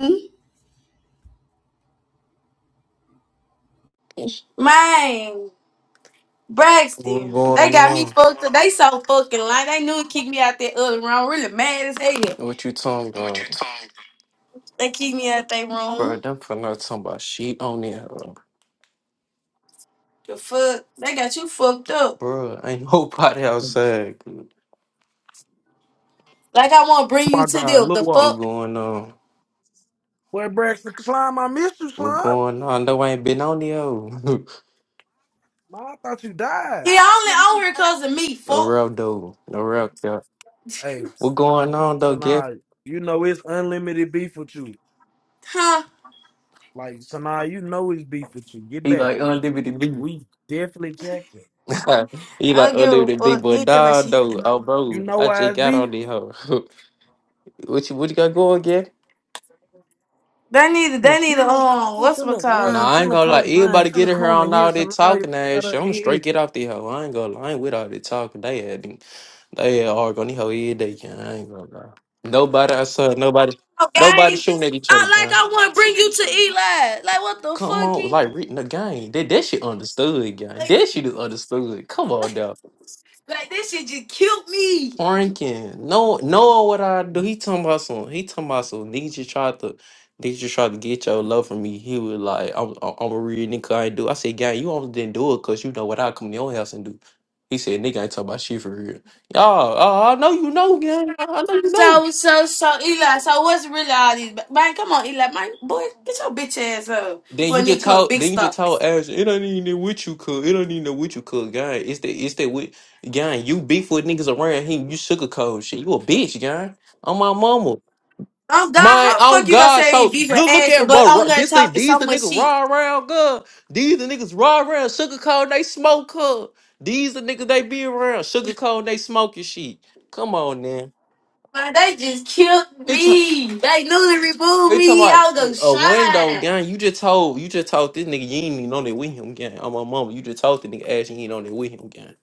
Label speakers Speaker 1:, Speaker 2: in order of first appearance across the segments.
Speaker 1: Mm-hmm. Man,
Speaker 2: What
Speaker 1: Braxton, they
Speaker 2: going
Speaker 1: got me
Speaker 2: on?
Speaker 1: fucked up. They so fucking lying. They knew to kick me out that other room. Really mad as hell.
Speaker 2: What you talking about?
Speaker 1: They kick me out that
Speaker 2: Bro,
Speaker 1: room.
Speaker 2: them for not talking about sheep on there.
Speaker 1: The fuck? They got you fucked up.
Speaker 2: Bro, ain't nobody outside. What
Speaker 1: Like I want to bring you
Speaker 3: My
Speaker 1: to
Speaker 3: God,
Speaker 1: them.
Speaker 3: Lil
Speaker 1: The
Speaker 3: Walk.
Speaker 1: fuck?
Speaker 2: going on?
Speaker 3: Where Braxton Slime? I missed you,
Speaker 2: What
Speaker 3: Slime.
Speaker 2: going on? Though I ain't been on there. no
Speaker 3: Man, I thought you
Speaker 1: He
Speaker 3: died.
Speaker 1: only on here cause of me. Fuck.
Speaker 2: real though. No real cap.
Speaker 3: Hey,
Speaker 2: What going on though, Jeff?
Speaker 3: Sanaa, you know it's unlimited beef with you.
Speaker 1: Huh?
Speaker 3: Like Sanaa, you know it's beef with you. Get
Speaker 2: He
Speaker 3: back.
Speaker 2: like unlimited B.
Speaker 3: We definitely checked it.
Speaker 2: he
Speaker 1: I
Speaker 2: like
Speaker 1: don't give a
Speaker 2: unlimited B,
Speaker 1: fuck. You
Speaker 2: but
Speaker 1: ain't tell my
Speaker 2: dog
Speaker 1: shit.
Speaker 2: though. Oh
Speaker 3: You
Speaker 2: bro,
Speaker 3: know
Speaker 2: I
Speaker 3: why
Speaker 2: just
Speaker 3: it's
Speaker 2: got on
Speaker 3: beef?
Speaker 2: the hoe. what you what you got going, Jeff?
Speaker 1: They need.
Speaker 3: Hey,
Speaker 1: They need a
Speaker 3: chilling.
Speaker 1: um. What's my
Speaker 3: Finna
Speaker 1: call?
Speaker 2: Nah,
Speaker 3: nine,
Speaker 2: I ain't
Speaker 3: finna
Speaker 2: gonna lie.
Speaker 3: call man,
Speaker 2: Everybody get
Speaker 3: finna
Speaker 2: in here
Speaker 3: call me
Speaker 2: on
Speaker 3: here.
Speaker 2: all that
Speaker 3: Sanaa. You
Speaker 2: talking ass
Speaker 3: gotta
Speaker 2: shit. I'm straight
Speaker 3: hit.
Speaker 2: get off the hoe. I ain't gonna lie. I ain't with all that talking. They had them- they had argue on the hoe every day. Gang. I ain't gonna lie. Nobody I saw nobody nobody
Speaker 1: Okay.
Speaker 2: shooting at each
Speaker 1: I,
Speaker 2: other,
Speaker 1: like
Speaker 2: gang.
Speaker 1: I want to bring you to Eli. Like what the
Speaker 2: Come on,
Speaker 1: fucky?
Speaker 2: like reading the game. That that shit understood, gang.
Speaker 1: Like,
Speaker 2: That shit is understood. Come on,
Speaker 1: like,
Speaker 2: dog.
Speaker 1: like this shit just killed me.
Speaker 2: Franken. No, Noah, what I do? He talking about some. He talking about some. Niggas just tried to. Niggas just tried to get your love from me. He was like, "I'm, I'm I'm a real nigga. I ain't do." I said, "Gang, you almost didn't do it because you know what I come to your house and do." He said, "Nigga, I ain't talking about shit for real." Y'all, uh, I know you know, gang. I I know you know.
Speaker 1: So, so, so, Eli, so what's really all these? Man, come on, Eli, man, boy, get your bitch ass up
Speaker 2: Then
Speaker 1: for a
Speaker 2: you
Speaker 1: nigga
Speaker 2: just
Speaker 1: come
Speaker 2: told,
Speaker 1: big
Speaker 2: then you just
Speaker 1: stuff.
Speaker 2: told Ash, it don't even know what you cook. It don't even know what you cook, gang. It's that, it's that with, gang. You beef with niggas around him. You sugarcoat shit. You a bitch, gang. I'm my mama.
Speaker 1: Oh, God,
Speaker 2: My
Speaker 1: how the
Speaker 2: oh
Speaker 1: fuck you gonna
Speaker 2: God,
Speaker 1: say
Speaker 2: so
Speaker 1: beef and
Speaker 2: look, look
Speaker 1: ass,
Speaker 2: at
Speaker 1: but
Speaker 2: raw, raw
Speaker 1: I'm gonna
Speaker 2: this
Speaker 1: talk
Speaker 2: thing.
Speaker 1: to
Speaker 2: These
Speaker 1: so
Speaker 2: the
Speaker 1: much
Speaker 2: niggas
Speaker 1: shit.
Speaker 2: raw around good. These the niggas raw around sugar cone. They smoke her. These the niggas they be around sugar cone. They smoke your shit. Come on, man.
Speaker 1: Man, they just killed
Speaker 2: It's
Speaker 1: me. They newly removed
Speaker 2: it's talking
Speaker 1: me. I was gonna
Speaker 2: about a window
Speaker 1: shine.
Speaker 2: gang. You just told you just told this nigga you ain't even on there with him gang. On my mama, you just told the nigga ass you ain't on there with him gang.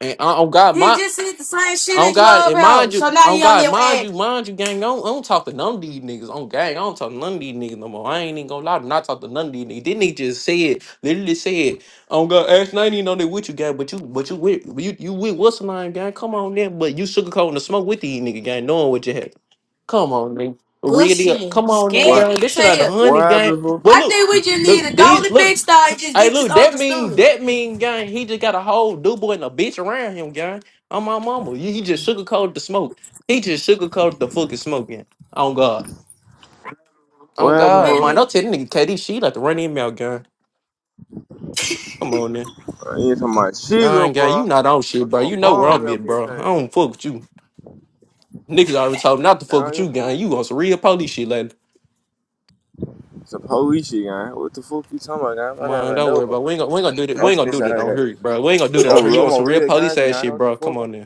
Speaker 2: And oh oh, God,
Speaker 1: He
Speaker 2: my
Speaker 1: just said the same shit
Speaker 2: On
Speaker 1: in
Speaker 2: God, and mind
Speaker 1: Clubhouse. So
Speaker 2: you,
Speaker 1: now
Speaker 2: on
Speaker 1: he on
Speaker 2: God,
Speaker 1: their
Speaker 2: mind
Speaker 1: ass
Speaker 2: you, mind you, gang, I don't, I don't talk to none of these niggas. On gang, I don't talk to none of these niggas no more. I ain't even gonna lie to not talk to none of these niggas. This nigga just said, literally said, on God, ask I ain't even know they with you, gang, but you, but you with, you, you with what's the name, gang? Come on, then, but you sugarcoating the smoke with these nigga, gang, knowing what you had. Come on, nigga. Real deal.
Speaker 1: pushing,
Speaker 2: Come on, then,
Speaker 4: What?
Speaker 1: scared
Speaker 2: gang. This
Speaker 1: as
Speaker 2: shit out of
Speaker 1: hell.
Speaker 2: honey,
Speaker 4: What
Speaker 2: gang.
Speaker 4: happened, fool?
Speaker 2: But
Speaker 1: I
Speaker 2: look,
Speaker 1: think we just need
Speaker 2: look,
Speaker 1: a
Speaker 2: these,
Speaker 1: golden
Speaker 2: look,
Speaker 1: big star and just
Speaker 2: Hey,
Speaker 1: get this
Speaker 2: look, that mean
Speaker 1: understood.
Speaker 2: that mean gang. He just got a whole dude boy and a bitch around him, gang. On my mama, he he just sugarcoated the smoke. He just sugarcoated the fucking smoke, gang. On God,
Speaker 4: What
Speaker 2: on
Speaker 4: happened,
Speaker 2: God,
Speaker 4: fool?
Speaker 2: man.
Speaker 1: Really.
Speaker 2: Don't tell that nigga KD she like to run him out, gang. Come on, then.
Speaker 4: I ain't talking about sugar,
Speaker 2: Young gang, you
Speaker 4: bro.
Speaker 2: not on shit,
Speaker 4: I'm talking
Speaker 2: bro. You
Speaker 4: about
Speaker 2: know where
Speaker 4: bomb
Speaker 2: I'm
Speaker 4: your
Speaker 2: at,
Speaker 4: bitch
Speaker 2: bro. I
Speaker 4: ass.
Speaker 2: don't fuck with you. Niggas already told me not to fuck
Speaker 4: Now
Speaker 2: with
Speaker 4: you
Speaker 2: you, gang.
Speaker 4: fool?
Speaker 2: You on some real police shit, like.
Speaker 4: It's a police shit, guy. What the fuck you talking about, guy? My name
Speaker 2: Man,
Speaker 4: is
Speaker 2: don't worry
Speaker 4: Nova.
Speaker 2: about. It. We ain't gonna we ain't gonna do that.
Speaker 4: I'm
Speaker 2: We ain't gonna do
Speaker 4: snitching
Speaker 2: that
Speaker 4: out
Speaker 2: on
Speaker 4: here, guy.
Speaker 2: here, bro. We ain't gonna do that on
Speaker 4: I'm,
Speaker 2: here. You
Speaker 4: I'm
Speaker 2: on
Speaker 4: a
Speaker 2: some real
Speaker 4: real guy,
Speaker 2: police ass
Speaker 4: guy.
Speaker 2: shit,
Speaker 4: What the
Speaker 2: bro. Come
Speaker 4: fuck,
Speaker 2: on, then.
Speaker 4: guy?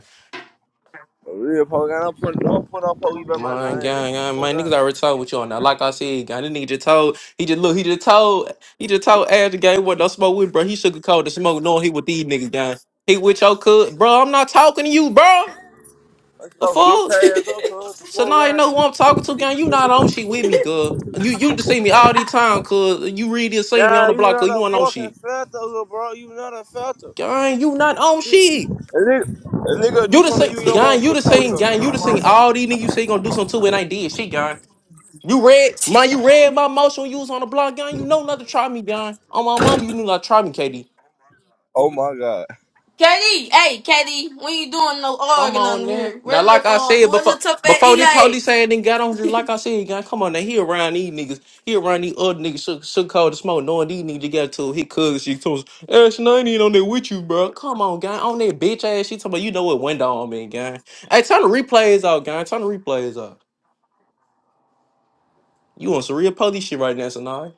Speaker 4: A real police guy. I'm putting, I'm putting on police by my
Speaker 2: My
Speaker 4: nine, nigga.
Speaker 2: gang,
Speaker 4: the
Speaker 2: gang,
Speaker 4: fuck,
Speaker 2: man, niggas
Speaker 4: guy?
Speaker 2: already told what you on that. Like I said, gang, this nigga just told, he just look, he just told, he just told Ash the gang what no smoke with, bro. He sugarcoated the smoke, knowing he with these niggas, gang. He with your cook, bro. I'm not talking to you, bro.
Speaker 4: That's
Speaker 2: The
Speaker 4: your
Speaker 2: fuck?
Speaker 4: bitch ass up, cuz. What the
Speaker 2: So
Speaker 4: fuck,
Speaker 2: now you know who
Speaker 4: guy?
Speaker 2: I'm talking to, gang. You not on shit with me, girl. You you just see me all the time, cuz you really this see me on
Speaker 4: Yeah,
Speaker 2: the
Speaker 4: you
Speaker 2: block, cuz
Speaker 4: not
Speaker 2: you
Speaker 4: a
Speaker 2: want on
Speaker 4: fucking
Speaker 2: shit.
Speaker 4: filter, little bro. You not a filter.
Speaker 2: Gang, you not on
Speaker 4: A
Speaker 2: shit.
Speaker 4: nigga, a nigga do
Speaker 2: You the
Speaker 4: something
Speaker 2: same,
Speaker 4: to you, your mama
Speaker 2: gang, you
Speaker 4: put
Speaker 2: the
Speaker 4: police
Speaker 2: same,
Speaker 4: on me.
Speaker 2: gang, you
Speaker 4: Your
Speaker 2: the same.
Speaker 4: mama.
Speaker 2: All these niggas you say you gonna do something too, and I did shit, gang. You read, man, you read my motion when you was on the block, gang. You know not to try me, gang. On my mom, you knew not to try me, KD.
Speaker 4: Oh my god.
Speaker 1: Katie, hey Katie, when you doing no
Speaker 2: Come
Speaker 1: organ on
Speaker 2: on now.
Speaker 1: here? Where
Speaker 2: Now,
Speaker 1: the
Speaker 2: like I
Speaker 1: on uh,
Speaker 2: said
Speaker 1: where
Speaker 2: before,
Speaker 1: the tough at
Speaker 2: before the
Speaker 1: Eli?
Speaker 2: police ain't then got on here, like I said, gang, come on now. He around these niggas. He around these other niggas shook, shook cold and smoke, knowing these niggas got to he cuz she told us, Ashton, I ain't even on there with you, bro. Come on, gang. On that bitch ass, she talking about, you know what window on me, gang. Hey, turn the replays out, gang. Turn the replays out. You on some real police shit right now, Sonai.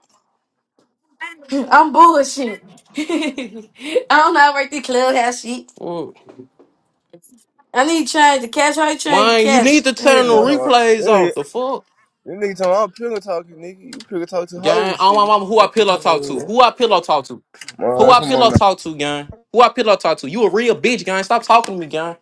Speaker 1: at? I'm bullshit. I don't know how to work the clubhouse shit.
Speaker 2: Fuck.
Speaker 1: I need to change the cash. How you change the
Speaker 2: Man, you
Speaker 1: cash?
Speaker 2: need to
Speaker 1: Here
Speaker 4: That
Speaker 2: turn
Speaker 1: it
Speaker 2: the
Speaker 4: nigga talking
Speaker 1: goes.
Speaker 4: about, that
Speaker 2: replays
Speaker 4: nigga,
Speaker 2: off. The fuck?
Speaker 4: that nigga talking about, I'm pillow talking, nigga. You pillow talk to
Speaker 2: Gang,
Speaker 4: hoes
Speaker 2: oh
Speaker 4: shit,
Speaker 2: my
Speaker 4: nigga.
Speaker 2: mama, who I
Speaker 4: Fuck you
Speaker 2: pillow
Speaker 4: talking about,
Speaker 2: talk to?
Speaker 4: here,
Speaker 2: Who I pillow talk to?
Speaker 4: bro.
Speaker 2: Who
Speaker 4: Man,
Speaker 2: I
Speaker 4: come on
Speaker 2: pillow
Speaker 4: now.
Speaker 2: talk to, gang? Who I pillow talk to? You a real bitch, gang. Stop talking to me, gang.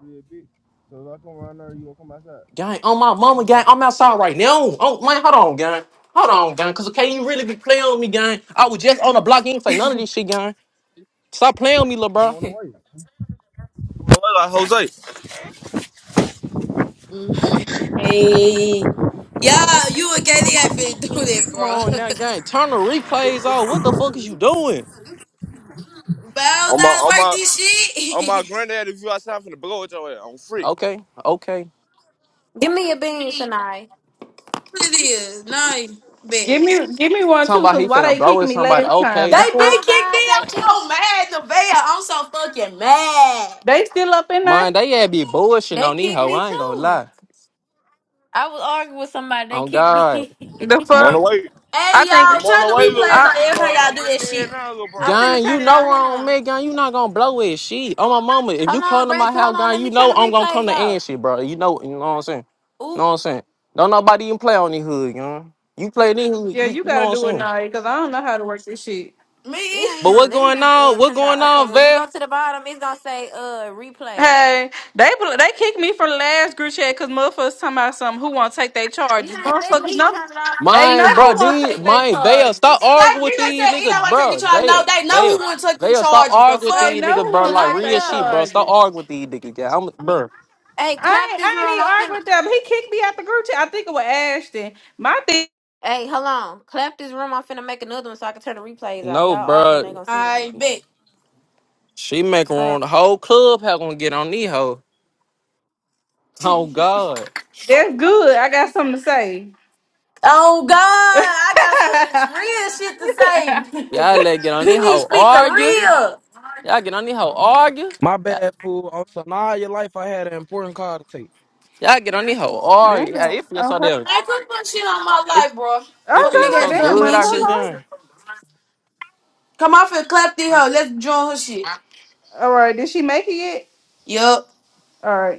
Speaker 4: Real bitch. So if I come around there, you gonna come outside.
Speaker 2: Gang, on my
Speaker 4: Oh
Speaker 2: mama,
Speaker 4: no.
Speaker 2: gang. I'm outside right now. Oh man, hold on, gang. Hold on, gang. Cause okay, you really be playing with me, gang. I was just on the block. You ain't say none of this shit, gang. Stop playing with me, lil'
Speaker 4: I'm
Speaker 2: bro.
Speaker 4: on the way. I'm on the way like Jose.
Speaker 1: Mm. Hey. Yeah, you and Katie ain't finna do that,
Speaker 2: Come
Speaker 1: bro.
Speaker 2: on now,
Speaker 1: but
Speaker 2: gang. Turn the replays off. What the fuck is you doing?
Speaker 1: I don't
Speaker 4: On
Speaker 1: know
Speaker 4: my,
Speaker 1: how to
Speaker 4: on
Speaker 1: work
Speaker 4: my,
Speaker 1: this
Speaker 4: on my
Speaker 1: shit.
Speaker 4: granddad, if you outside, I'm finna blow it your way. I'm free.
Speaker 2: Okay, okay.
Speaker 5: Give me a beans tonight.
Speaker 1: what it is? Nice. Bet.
Speaker 6: Give
Speaker 5: Yeah.
Speaker 6: me give me one
Speaker 2: Talking
Speaker 6: too,
Speaker 2: about
Speaker 6: cause
Speaker 2: he
Speaker 6: why
Speaker 2: finna
Speaker 6: they
Speaker 2: blow
Speaker 6: kicking
Speaker 2: at
Speaker 6: me
Speaker 2: somebody.
Speaker 6: last time?
Speaker 2: Okay.
Speaker 6: The
Speaker 1: They
Speaker 6: fuck?
Speaker 1: been
Speaker 5: Oh
Speaker 1: kicked me.
Speaker 5: God, they
Speaker 1: I'm
Speaker 5: kick
Speaker 1: so mad, Nevaeh. I'm so fucking mad.
Speaker 6: They still up in there?
Speaker 2: Man, they had be bullshitting
Speaker 5: they
Speaker 2: on these
Speaker 5: kicked
Speaker 2: hoe.
Speaker 5: me
Speaker 2: I ain't gonna
Speaker 5: too.
Speaker 2: lie.
Speaker 5: I was arguing with somebody. They
Speaker 2: On
Speaker 5: kicked
Speaker 2: God.
Speaker 5: me.
Speaker 6: The
Speaker 4: I'm on
Speaker 6: fuck?
Speaker 4: the way.
Speaker 1: Hey
Speaker 6: I think
Speaker 1: y'all,
Speaker 4: I'm on
Speaker 1: turn
Speaker 4: the
Speaker 1: the
Speaker 4: way, little
Speaker 1: replays
Speaker 6: I
Speaker 1: on every time
Speaker 4: bro.
Speaker 1: y'all
Speaker 4: Don't
Speaker 1: do
Speaker 4: get
Speaker 1: that shit.
Speaker 4: scared now, little
Speaker 5: I'm
Speaker 4: bro.
Speaker 5: finna
Speaker 2: Gang, you
Speaker 5: turn it
Speaker 2: know
Speaker 5: off.
Speaker 2: where
Speaker 5: Hold
Speaker 2: I'm
Speaker 5: on.
Speaker 2: at, gang. You not gonna blow it, shit. Oh my mama, if
Speaker 5: Hold
Speaker 2: you
Speaker 5: on,
Speaker 2: come to
Speaker 5: Brax.
Speaker 2: my
Speaker 5: Hold
Speaker 2: house,
Speaker 5: on.
Speaker 2: gang,
Speaker 5: Let me
Speaker 2: you
Speaker 5: turn
Speaker 2: know
Speaker 5: the
Speaker 2: I'm gonna come
Speaker 5: replays
Speaker 2: to
Speaker 5: off.
Speaker 2: end shit, bro. You know, you know what I'm saying. know
Speaker 5: Oop.
Speaker 2: what I'm saying. Don't nobody even play on this hood, you know. You play this hood,
Speaker 6: yeah,
Speaker 2: you,
Speaker 6: you
Speaker 2: you know what
Speaker 6: gotta
Speaker 2: I'm
Speaker 6: do it
Speaker 2: saying.
Speaker 6: now, cause I don't know how to work this shit.
Speaker 5: It
Speaker 1: Me,
Speaker 5: ain't
Speaker 2: But
Speaker 5: even
Speaker 2: what
Speaker 5: let
Speaker 2: going
Speaker 5: me uh
Speaker 2: on? What
Speaker 5: turn it
Speaker 2: going
Speaker 5: off. Okay,
Speaker 2: on,
Speaker 5: when you go
Speaker 2: Vail?
Speaker 5: to the bottom, it's gonna say uh replay.
Speaker 6: Hey, they bl- they kicked me from the last group chat because motherfuckers talking about something who won't take their
Speaker 5: It
Speaker 6: charges.
Speaker 5: ain't letting
Speaker 6: Motherfuckers
Speaker 5: me
Speaker 6: know
Speaker 5: turn it off. This
Speaker 6: they
Speaker 5: ain't,
Speaker 2: Mine,
Speaker 6: know
Speaker 5: this
Speaker 2: bro.
Speaker 6: who
Speaker 5: not my
Speaker 6: won't
Speaker 2: These,
Speaker 6: take their
Speaker 5: room.
Speaker 2: mine, Vail. Stop
Speaker 6: charges.
Speaker 2: arguing
Speaker 1: exactly.
Speaker 2: with
Speaker 1: They
Speaker 2: these
Speaker 1: said, "You know
Speaker 2: niggas,
Speaker 1: what? Take the
Speaker 2: bro.
Speaker 1: charge." No,
Speaker 2: Vail,
Speaker 1: they know
Speaker 2: Vail,
Speaker 1: who went take the
Speaker 2: Vail. Stop
Speaker 1: charges. The
Speaker 2: arguing with
Speaker 6: They
Speaker 1: fuck?
Speaker 2: these
Speaker 6: know
Speaker 2: niggas,
Speaker 6: who
Speaker 2: bro.
Speaker 6: won't
Speaker 2: Like
Speaker 6: take
Speaker 2: real
Speaker 6: their
Speaker 2: shit,
Speaker 5: Sanaya.
Speaker 2: bro. Stop
Speaker 6: charges.
Speaker 2: arguing with these niggas, gang. I'm, bro.
Speaker 5: Hey,
Speaker 6: I
Speaker 5: clap
Speaker 6: ain't,
Speaker 5: this
Speaker 6: I
Speaker 5: room.
Speaker 6: ain't even
Speaker 5: I'm
Speaker 6: argue
Speaker 5: finna
Speaker 6: with them. He kicked me out the group chat. I think it was Ashton. My thing,
Speaker 5: Hey, hold on. Clap this room. I'm finna make another one so I can turn the replays off.
Speaker 2: No,
Speaker 5: Y'all arguing, they
Speaker 2: bro.
Speaker 5: gonna see this
Speaker 1: I
Speaker 5: shit.
Speaker 1: bet.
Speaker 2: She making
Speaker 5: Hold on.
Speaker 2: room. The whole club how gonna get on these hoes. Oh God.
Speaker 6: that's good. I got something to say.
Speaker 1: Oh God, I got some real shit to
Speaker 2: Y'all
Speaker 1: say.
Speaker 2: let get on
Speaker 1: he
Speaker 2: this
Speaker 1: need to
Speaker 2: hoe
Speaker 1: speak the
Speaker 2: argue.
Speaker 1: real.
Speaker 2: Y'all get on this hoe argue.
Speaker 3: My
Speaker 2: Y'all,
Speaker 3: bad, fool. On Sanaa, your life, I had an important call to take.
Speaker 2: y'all get on this hoe
Speaker 6: Damn.
Speaker 2: argue. Yeah,
Speaker 6: on
Speaker 2: it feels so
Speaker 6: her-
Speaker 2: damn.
Speaker 1: I put some shit on my
Speaker 2: It,
Speaker 1: life, bro.
Speaker 2: it
Speaker 6: I
Speaker 1: Fuck
Speaker 2: feels
Speaker 1: nigga had
Speaker 2: so
Speaker 1: to
Speaker 6: feel like
Speaker 1: come
Speaker 6: damn
Speaker 1: and
Speaker 2: good
Speaker 6: on
Speaker 2: out
Speaker 1: get
Speaker 6: her
Speaker 2: here,
Speaker 1: you.
Speaker 2: y'all.
Speaker 6: life.
Speaker 1: Come off and clap this hoe. Let's join her shit.
Speaker 6: All right. Did she make it yet?
Speaker 1: Yup.
Speaker 6: All right.